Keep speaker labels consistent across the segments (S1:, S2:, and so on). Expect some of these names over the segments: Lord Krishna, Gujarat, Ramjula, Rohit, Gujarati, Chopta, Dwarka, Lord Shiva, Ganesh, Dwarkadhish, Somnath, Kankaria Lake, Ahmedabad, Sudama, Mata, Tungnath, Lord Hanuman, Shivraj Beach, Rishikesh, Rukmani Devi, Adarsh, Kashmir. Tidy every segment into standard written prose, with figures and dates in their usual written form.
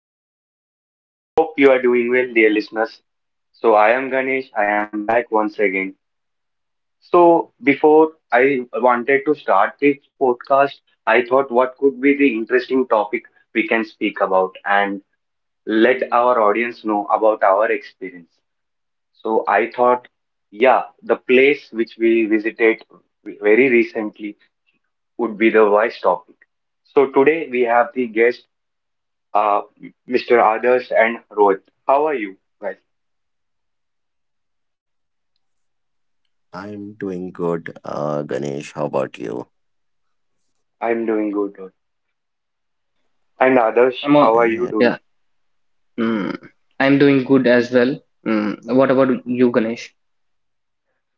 S1: podcast. Hope you are doing well, dear listeners. So, I am Ganesh. I am back once again. So, before I wanted to start this podcast, I thought what could be the interesting topic we can speak about and let our audience know about our experience. So, I thought, yeah, the place which we visited very recently would be the voice topic. So, today we have the guest. uh, Mr. Adarsh and Rohit. How are you guys?
S2: I'm doing good, Ganesh. How about you?
S1: I'm doing good. Rohit. And Adarsh,
S3: I'm on.
S1: how are you doing?
S3: Yeah.
S2: Okay.
S3: Mm. I'm doing good as well. Mm. What about you, Ganesh?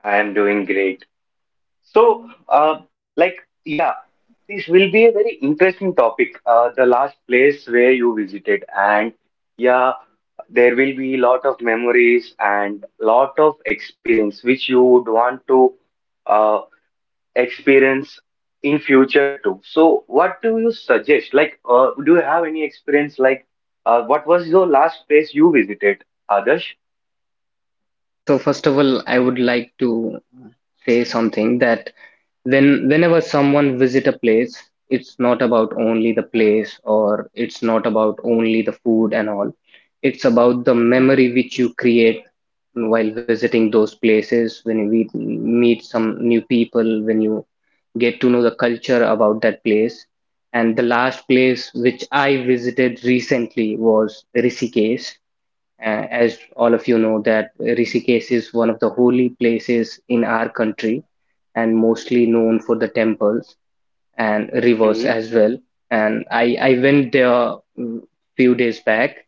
S1: I am doing great. So, like, yeah, this will be a very interesting topic. The last place where you visited, and yeah, there will be lot of memories and lot of experience which you would want to. uh, experience in future too. So what do you suggest? Do you have any experience? What was your last place you visited, Adarsh?
S3: Okay, so first of all, I would like to say something that whenever someone visit a place, it's not about only the place, or it's not about only the food and all. It's about the memory which you create while visiting those places, when you meet some new people, when you get to know the culture about that place. And the last place which I visited recently was Rishikesh. As all of you know, that Rishikesh is one of the holy places in our country and mostly known for the temples and rivers
S1: Mm-hmm.
S3: as well. And I went there few days back,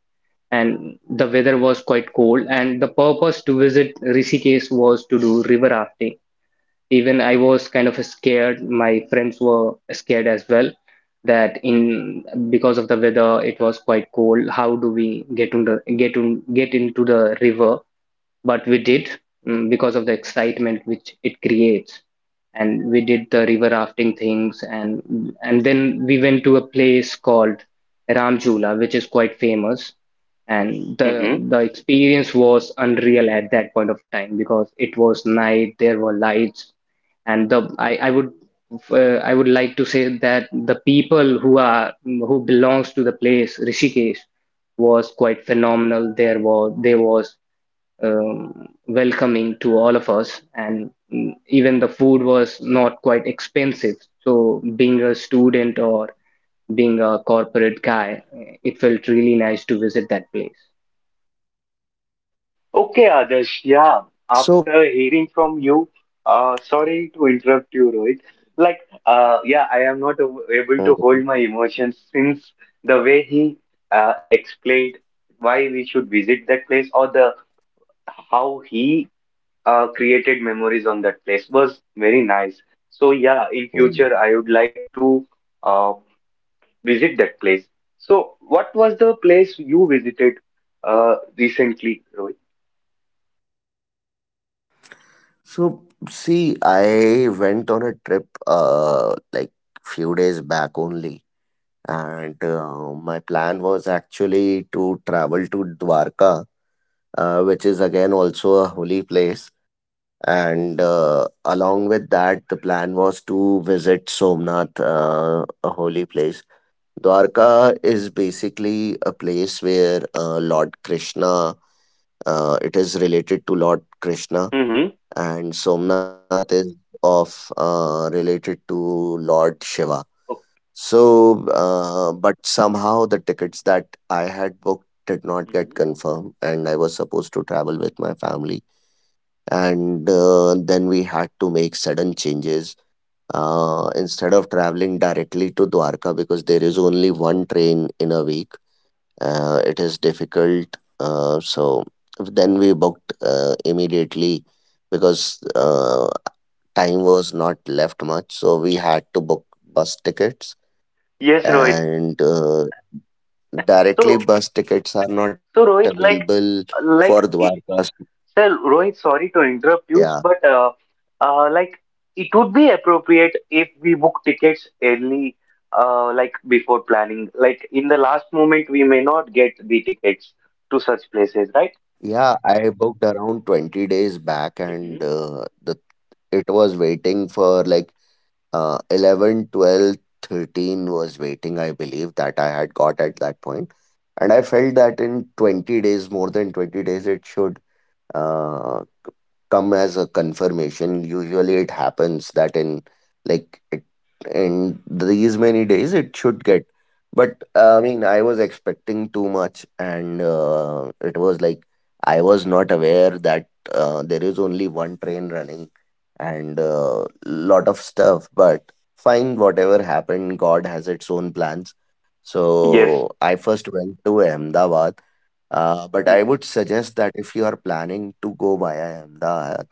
S3: and the weather was quite cold, and the purpose to visit Rishikesh was to do river rafting. Even I was kind of scared. My friends were scared as well, that in, because of the weather, it was quite cold. How do we get on get into the river? But we did, because of the excitement which it creates. And we did the river rafting things, and then we went to a place called Ramjula, which is quite famous. And the
S1: Mm-hmm.
S3: the experience was unreal at that point of time, because it was night, there were lights, and I would, I would like to say that the people who are, who belongs to the place Rishikesh, was quite phenomenal. There was, they was, welcoming to all of us, and, mm, even the food was not quite expensive. So being a student or being a corporate guy, it felt really nice to visit that place.
S1: Okay, Adarsh. Yeah.
S2: So,
S1: After hearing from you, sorry to interrupt you, Rohit. Like, yeah, I am not a- able
S2: mhm,
S1: to hold my emotions since the way he explained why we should visit that place or the how he created memories on that place was very nice. So yeah, in
S2: mhm.
S1: future I would like to uh, visit that place. So what was the place you visited recently, Rohit?
S2: so See, I went on a trip like few days back only, and my plan was actually to travel to Dwarka, which is again also a holy place. And along with that, the plan was to visit Somnath, a holy place. Dwarka is basically a place where Lord Krishna, it is related to Lord Krishna,
S1: Mm-hmm.
S2: and Somnath is of related to Lord Shiva.
S1: Oh,
S2: So, but somehow the tickets that I had booked did not get confirmed, and I was supposed to travel with my family. And then we had to make sudden changes instead of traveling directly to Dwarka because there is only one train in a week. It is difficult. So then we booked immediately because time was not left much. So we had to book bus tickets
S1: yes, Rohit.
S2: and directly
S1: So
S2: bus tickets are not
S1: so Rohit,
S2: available
S1: like
S2: for
S1: like
S2: Dwarka.
S1: Rohit, sorry to
S2: Yeah.
S1: interrupt you, but uh, like it would be appropriate if we book tickets early, like before planning. Like in the last moment, we may not get the tickets to such places, right?
S2: Yeah, I booked around 20 days back
S1: Mm-hmm.
S2: and the it was waiting for like 11, 12, 13 was waiting, I believe, that I had got at that point. And I felt that in 20 days, more than 20 days, it should. Uh, Come as a confirmation usually it happens that like it, in these many days it should get but I mean I was expecting too much and it was like I was not aware that there is only one train running and lot of stuff but fine whatever happened god has its own plans. So
S1: Yes.
S2: I first went to Ahmedabad but
S1: Mm-hmm.
S2: I would suggest that if you are planning to go via Ahmedabad,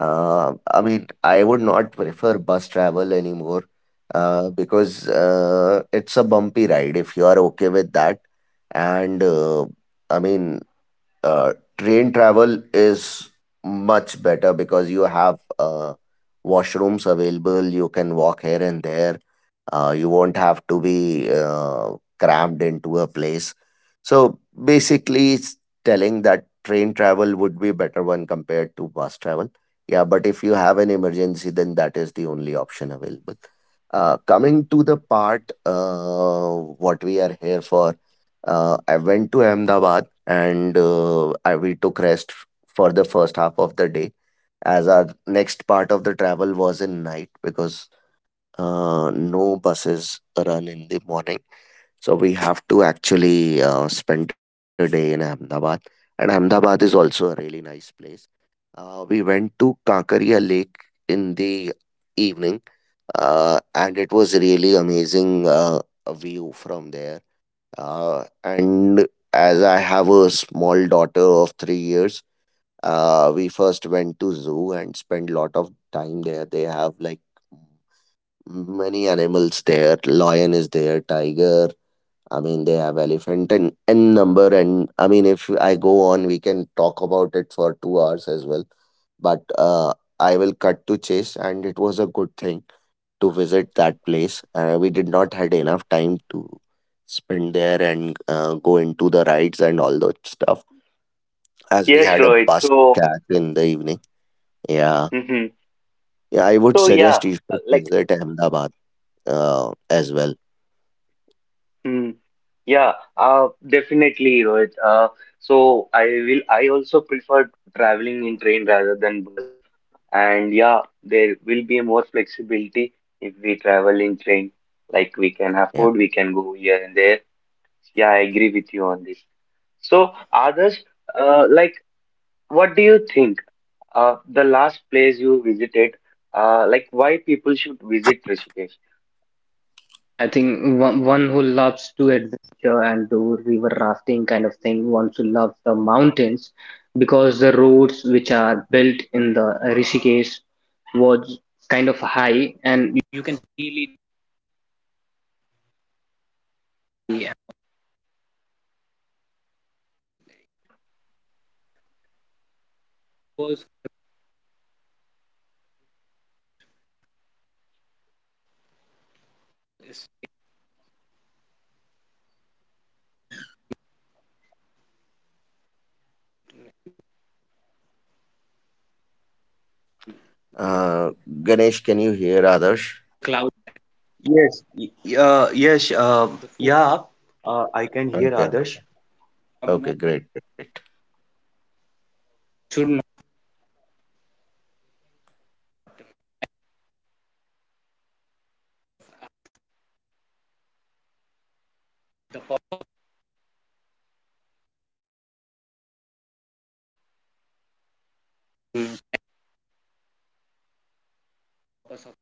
S2: I mean, I would not prefer bus travel anymore because it's a bumpy ride if you are okay with that. And I mean, train travel is much better because you have washrooms available. You can walk here and there. You won't have to be crammed into a place. So basically, it's telling that train travel would be better when compared to bus travel. Yeah, but if you have an emergency, then that is the only option available. Coming to the part, what we are here for I went to Ahmedabad and we took rest for the first half of the day, as our next part of the travel was in night because no buses run in the morning. So we have to actually spend a day in Ahmedabad. And Ahmedabad is also a really nice place. We went to Kankaria Lake in the evening, and it was really amazing a view from there and as I have a small daughter of 3 years, we first went to zoo and spent lot of time there. They have like many animals there. Lion is there, tiger. I mean, they have elephant and n number. And I mean, if I go on, we can talk about it for 2 hours as well. But I will cut to chase, and it was a good thing to visit that place. We did not had enough time to spend there and go into the rides and all that stuff as we
S1: Yes,
S2: had a
S1: Rohit.
S2: bus
S1: So,
S2: catch in the evening. Yeah.
S1: mhm.
S2: Yeah, I would
S1: So yeah,
S2: suggest you
S1: uh,
S2: should
S1: like,
S2: visit Ahmedabad as well.
S1: mm, yeah, definitely, Rohit. So I will. I also prefer traveling in train rather than bus. And yeah, there will be more flexibility if we travel in train. Like we can
S2: Yeah.
S1: afford, we can go here and there. Yeah, I agree with you on this. So, others, uh, like, what do you think? The last place you visited, why people should visit Rishikesh?
S3: I think one who loves to adventure and do river rafting kind of thing, one who loves the mountains, because the roads which are built in the Rishikesh was kind of high and. Yeah, was is
S2: Uh, Ganesh, can you hear Adarsh?
S3: cloud at
S1: Yes,
S3: the food
S1: yeah, I can hear
S2: Okay.
S1: others.
S3: from,
S2: Okay, great.
S3: should not be the focus of.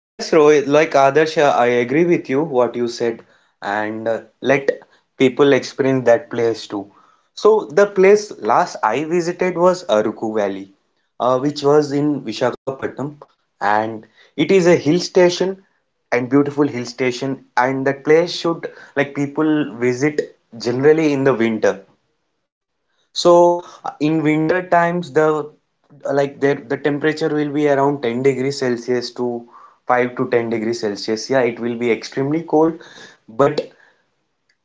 S1: Yes, Rohit, like Adarsh, I agree with you what you said, and let people experience that place too. So, the place last I visited was Aruku Valley, which was in Visakhapatnam, and it is a hill station and beautiful hill station. And that place should like people visit generally in the winter so in winter times there the temperature will be around 10 degrees Celsius to 5 to 10 degrees Celsius. Yeah, it will be extremely cold, but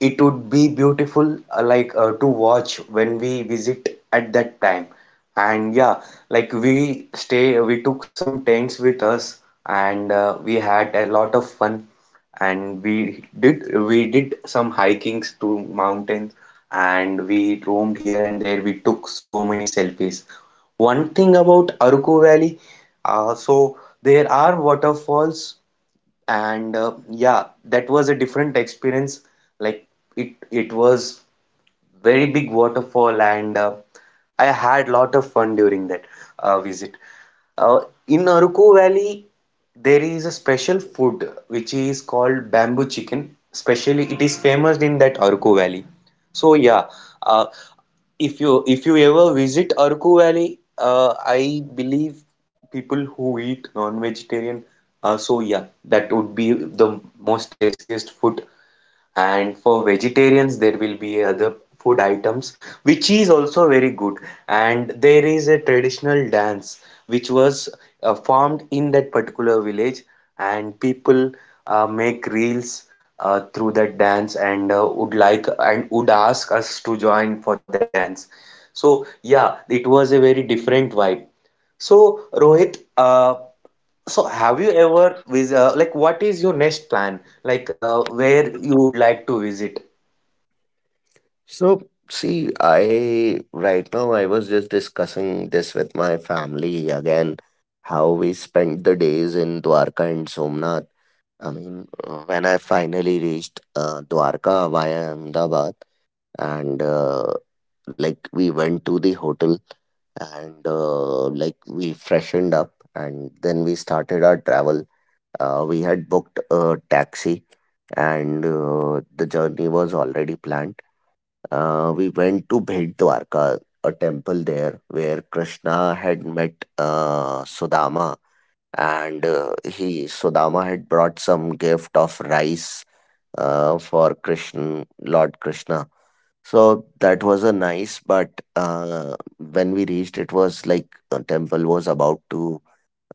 S1: it would be beautiful, to watch when we visit at that time. And yeah, like we stay, we took some tents with us, and we had a lot of fun. And we did some hikings to mountains, and we roamed here and there. We took so many selfies. One thing about Aruku Valley, uh, so there are waterfalls and yeah, that was a different experience like it was very big waterfall, and I had lot of fun during that visit uh, in Aruku Valley. There is a special food which is called bamboo chicken, especially it is famous in that Aruku Valley. So yeah, uh, if you ever visit Arku Valley, I believe people who eat non-vegetarian, so yeah, that would be the most tastiest food, and for vegetarians, there will be other food items, which is also very good. And there is a traditional dance which was formed in that particular village, and people make reels through that dance and would like and would ask us to join for that dance. So, yeah, it was a very different vibe. So, Rohit, so have you ever with what is your next plan? Where you would like to visit?
S2: So, see, I right now I was just discussing this with my family again, how we spent the days in Dwarka and Somnath. I mean, when I finally reached Dwarka via Ahmedabad, and like we went to the hotel and like we freshened up and then we started our travel. We had booked a taxi and the journey was already planned. We went to Bhed Dwarka, a temple there where Krishna had met Sudama and he Sudama had brought some gift of rice for Krishna, Lord Krishna. So that was a nice, but when we reached, it was like the temple was about to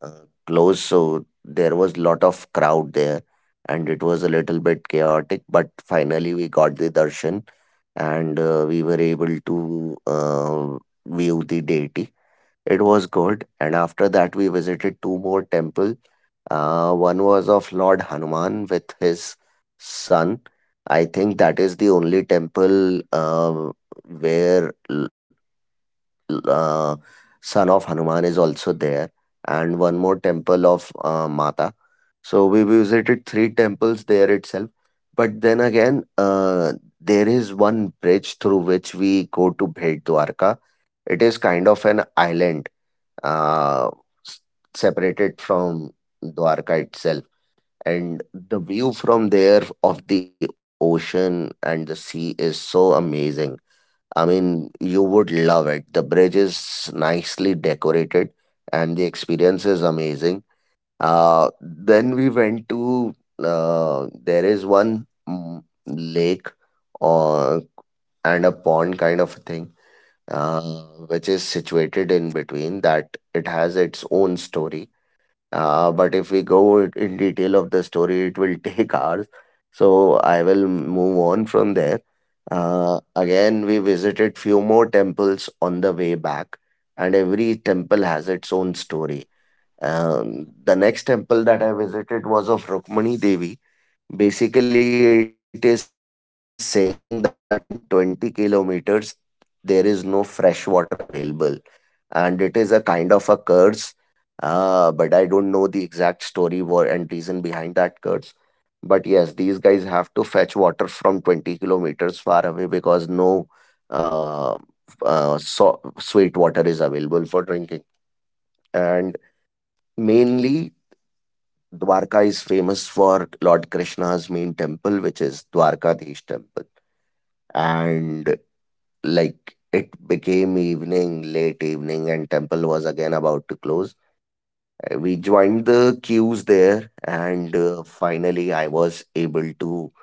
S2: uh, close, so there was lot of crowd there, and it was a little bit chaotic. But finally, we got the darshan, and we were able to view the deity. It was good, and after that we visited two more temple. One was of Lord Hanuman with his son. I think that is the only temple where l- uh, son of Hanuman is also there, and one more temple of Mata. So we visited three temples there itself. But then again, there is one bridge through which we go to Bhed Dwarka. It is kind of an island uh, s-
S1: Mhm,
S2: separated from Dwarka itself. And the view from there of the ocean and the sea is so amazing. I mean, you would love it. The bridge is nicely decorated and the experience is amazing. Then we went to, there is one lake or, and a pond kind of thing uh, which is situated in between that it has its own story. But if we go in detail of the story, it will take hours. So I will move on from there. Again, we visited few more temples on the way back, and every temple has its own story.
S1: mhm.
S2: The next temple that I visited was of Rukmani Devi. Basically, it is saying that in 20 kilometers, there is no fresh water available. And it is a kind of a curse, but I don't know the exact story war and reason behind that curse. But yes, these guys have to fetch water from 20 kilometers far away because no uh, so sweet water is available for drinking. And mainly, Dwarka is famous for Lord Krishna's main temple, which is Dwarkadhish temple. And like it became evening, late evening, and temple was again about to close. We joined the queues there, and finally, I was able to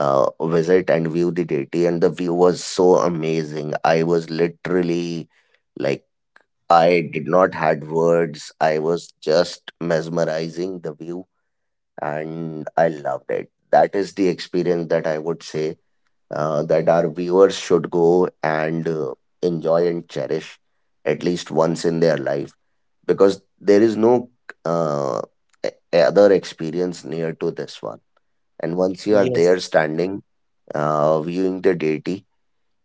S2: visit and view the deity, and the view was so amazing. I was literally like I did not had words. I was just mesmerizing the view, and I loved it. That is the experience that I would say that our viewers should go and enjoy and cherish at least once in their life because there is no uh, e- other experience near to this one. And once you are
S1: Yeah.
S2: there standing, viewing the deity,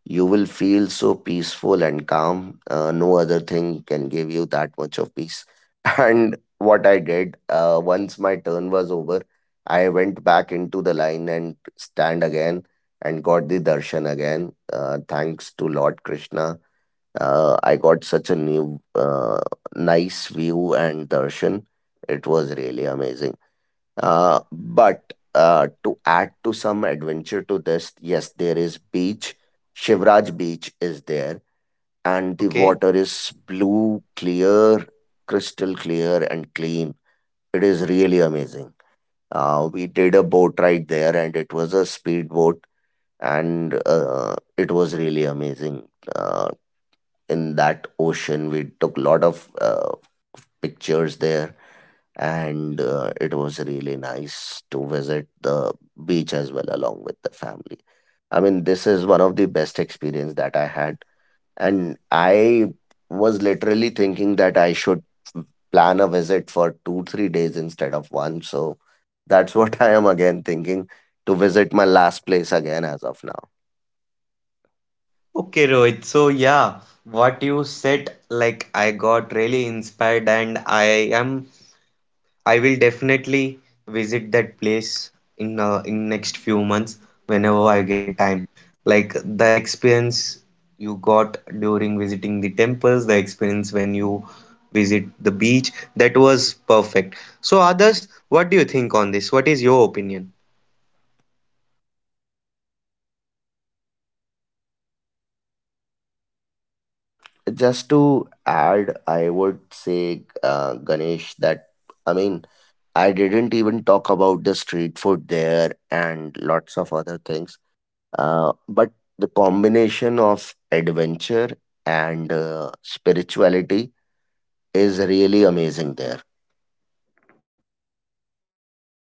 S2: you will feel so peaceful and calm. No other thing can give you that much of peace. And what I did, once my turn was over, I went back into the line and stand again and got the darshan again. Thanks to Lord Krishna, I got such a nice view and darshan. It was really amazing. But to add to some adventure to this, yes, there is beach. Shivraj Beach is there, and the
S1: Okay.
S2: water is blue, clear, crystal clear, and clean. It is really amazing. We did a boat ride there, and it was a speedboat, and it was really amazing. Uh, in that ocean. We took a lot of pictures there, and it was really nice to visit the beach as well along with the family. I mean, this is one of the best experience that I had, and I was literally thinking that I should plan a visit for 2-3 days instead of one. So that's what I am again thinking to visit my last place again as of now.
S1: Okay, Rohit. So yeah, what you said, like I got really inspired, and am I will definitely visit that place in next few months whenever I get time. Like the experience you got during visiting the temples, the experience when you visit the beach, that was perfect. So, others, what do you think on this? What is your opinion?
S2: Just to add, I would say, Ganesh, that I mean, I didn't even talk about the street food there and lots of other things. But the combination of adventure and spirituality is really amazing there.
S1: Okay.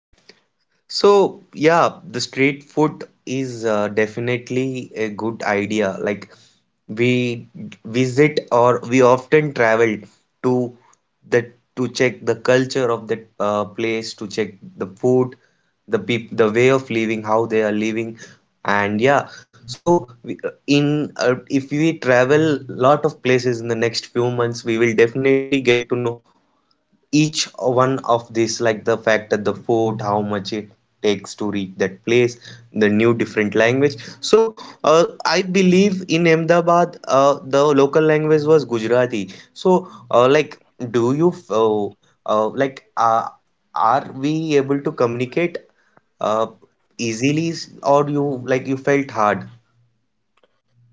S1: So, yeah, the street food is definitely a good idea. Like we visit or we often travel to the to check the culture of that place, to check the food, the way of living, how they are living, and yeah. So we, in if we travel lot of places in the next few months, we will definitely get to know each one of these, like the fact that the food, how much it takes to reach that place, the new different language. So I believe in Ahmedabad the local language was Gujarati. So like do you f- like are we able to communicate uh, easily, or you like you felt hard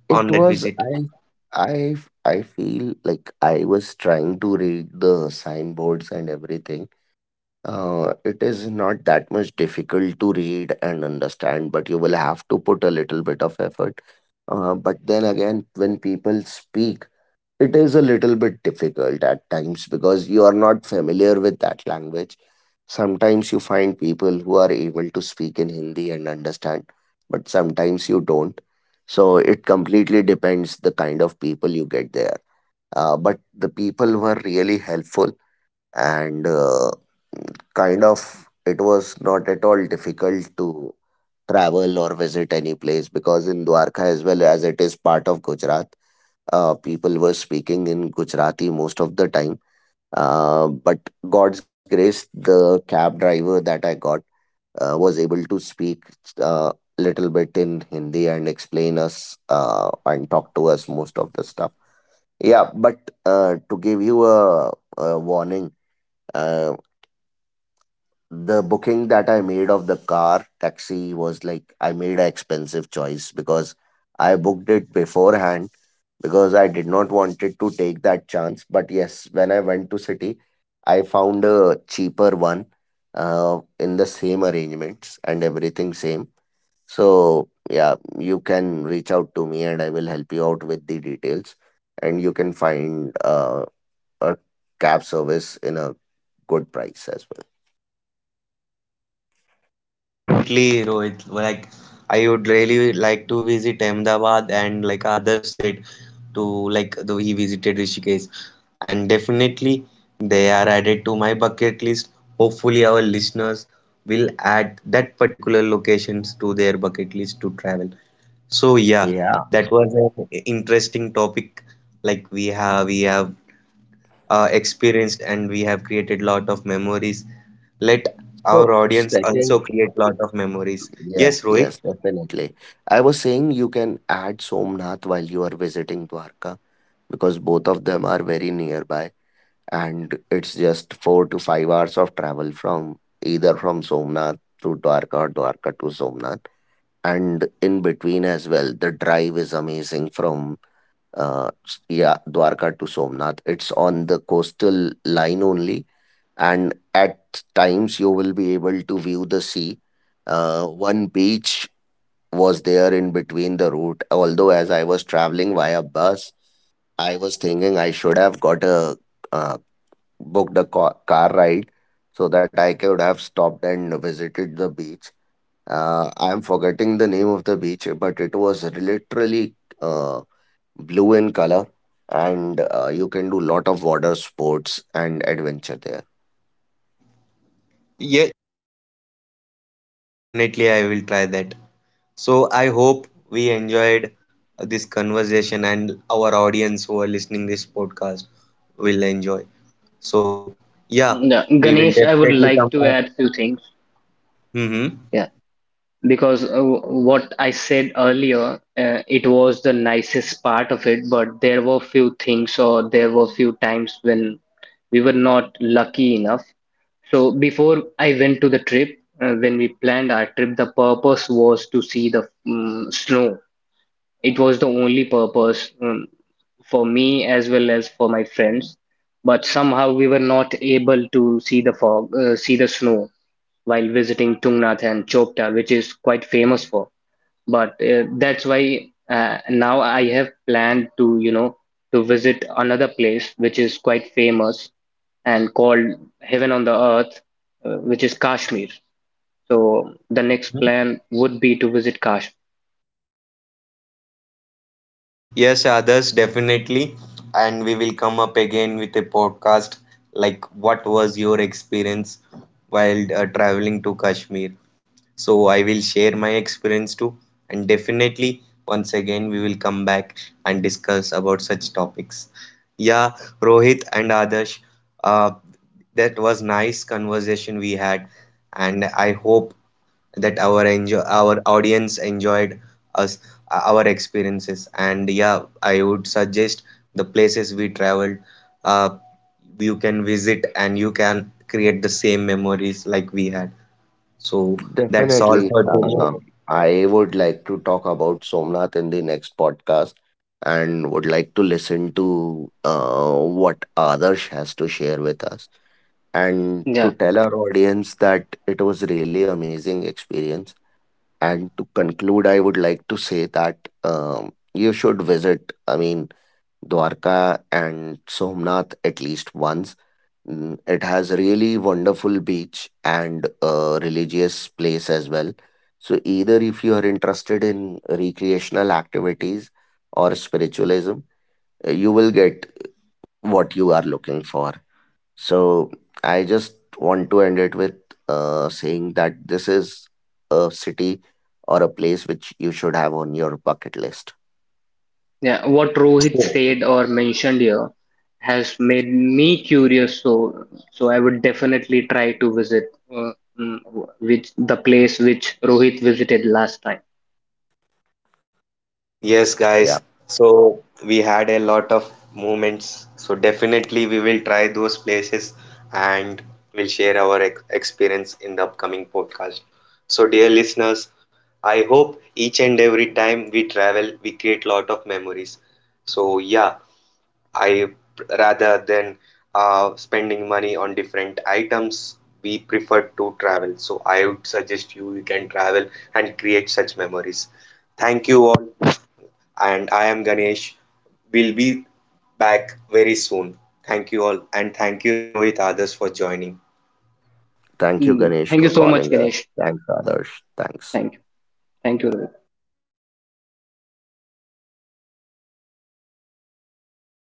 S2: It
S1: on that
S2: was,
S1: visit?
S2: I, I feel like I was trying to read the signboards and everything. It is not that much difficult to read and understand, but you will have to put a little bit of effort. But then again, when people speak, it is a little bit difficult at times because you are not familiar with that language. Sometimes you find people who are able to speak in Hindi and understand, but sometimes you don't. So it completely depends the kind of people you get there. But the people were really helpful and kind of it was not at all difficult to travel or visit any place because in Dwarka as well as it is part of Gujarat, people were speaking in Gujarati most of the time. But God's grace, the cab driver that I got was able to speak a little bit in Hindi and explain us and talk to us most of the stuff. Yeah, but to give you a warning, uh, the booking that I made of the car taxi was like I made an expensive choice because I booked it beforehand because I did not wanted to take that chance. But yes, when I went to city, I found a cheaper one in the same arrangements and everything same. So yeah, you can reach out to me and I will help you out with the details and you can find a cab service in a good price as well.
S1: Yes, definitely, Rohit. Like, I would really like to visit Ahmedabad, and like others said to like though he visited Rishikesh, and definitely they are added to my bucket list. Hopefully, our listeners will add that particular locations to their bucket list to travel. So yeah,
S2: Yeah,
S1: that was an interesting topic. Like we have experienced and we have created lot of memories. Let
S2: So
S1: our audience
S2: second,
S1: also create lot of memories.
S2: yeah,
S1: Yes, Rohit.
S2: yes, definitely. I was saying you can add Somnath while you are visiting Dwarka because both of them are very nearby and it's just 4 to 5 hours of travel from either from Somnath to Dwarka or Dwarka to Somnath. And in between as well, the drive is amazing from yeah, Dwarka to Somnath. It's on the coastal line only and at times you will be able to view the sea. One beach was there in between the route. Although as I was traveling via bus, I was thinking I should have got a uh, booked a car ride so that I could have stopped and visited the beach. I am forgetting the name of the beach, but it was literally uh, blue in color, and you can do lot of water sports and adventure there.
S1: Yeah, definitely, I will try that. So I hope we enjoyed this conversation, and our audience who are listening this podcast will enjoy. So yeah,
S3: Yeah,
S1: we will
S3: Ganesh, I would
S1: definitely come
S3: like to
S1: back.
S3: add few things.
S1: Mm-hmm.
S3: Yeah. Because what I said earlier, it was the nicest part of it, but there were few things or there were few times when we were not lucky enough. So before I went to the trip, when we planned our trip, the purpose was to see the snow. It was the only purpose, for me as well as for my friends. But somehow we were not able to see the fog, see the snow while visiting Tungnath and Chopta, which is quite famous for. But that's why now I have planned to, you know, to visit another place which is quite famous and called Heaven on the Earth, which is Kashmir. So the next plan would be to visit Kashmir.
S1: Yes, others, definitely. And we will come up again with a podcast like what was your experience while traveling to Kashmir? So I will share my experience too. And definitely, once again, we will come back and discuss about such topics. Yeah, Rohit and Adarsh, uh, that was nice conversation we had. And I hope that our audience enjoyed us our experiences. And yeah, I would suggest the places we traveled, uh, you can visit, and you can create the same memories like we had. So that's all
S2: Definitely.
S1: for today.
S2: I would like to talk about Somnath in the next podcast and would like to listen to what Adarsh has to share with us and
S3: Yeah,
S2: to tell our audience that it was really amazing experience. And to conclude, I would like to say that you should visit, I mean, Dwarka and Somnath at least once. It has really wonderful beach and a religious place as well. So either if you are interested in recreational activities or spiritualism, you will get what you are looking for. So I just want to end it with saying that this is a city or a place which you should have on your bucket list.
S3: yeah. What
S1: Yes,
S3: Rohit
S1: sure.
S3: said or mentioned here has made me curious, so I would definitely try to visit, uh, mm, which the place which Rohit visited last time.
S1: Yes,
S2: Yeah.
S1: guys, so we had a lot of moments, so definitely we will try those places, and we'll share our experience in the upcoming podcast. So dear listeners, I hope each and every time we travel, we create lot of memories. So yeah, I rather than spending money on different items, we prefer to travel. So I would suggest you can travel and create such memories. Thank you all, and I am Ganesh. We'll be back very soon. Thank you all, and thank you Rohit Adas for joining.
S2: Thank you,
S3: Mm,
S2: Ganesh,
S3: thank you
S2: for
S3: so much,
S2: calling us.
S3: Ganesh.
S2: Thanks, Adarsh. Thanks.
S3: Thank you. Thank you, Rohit.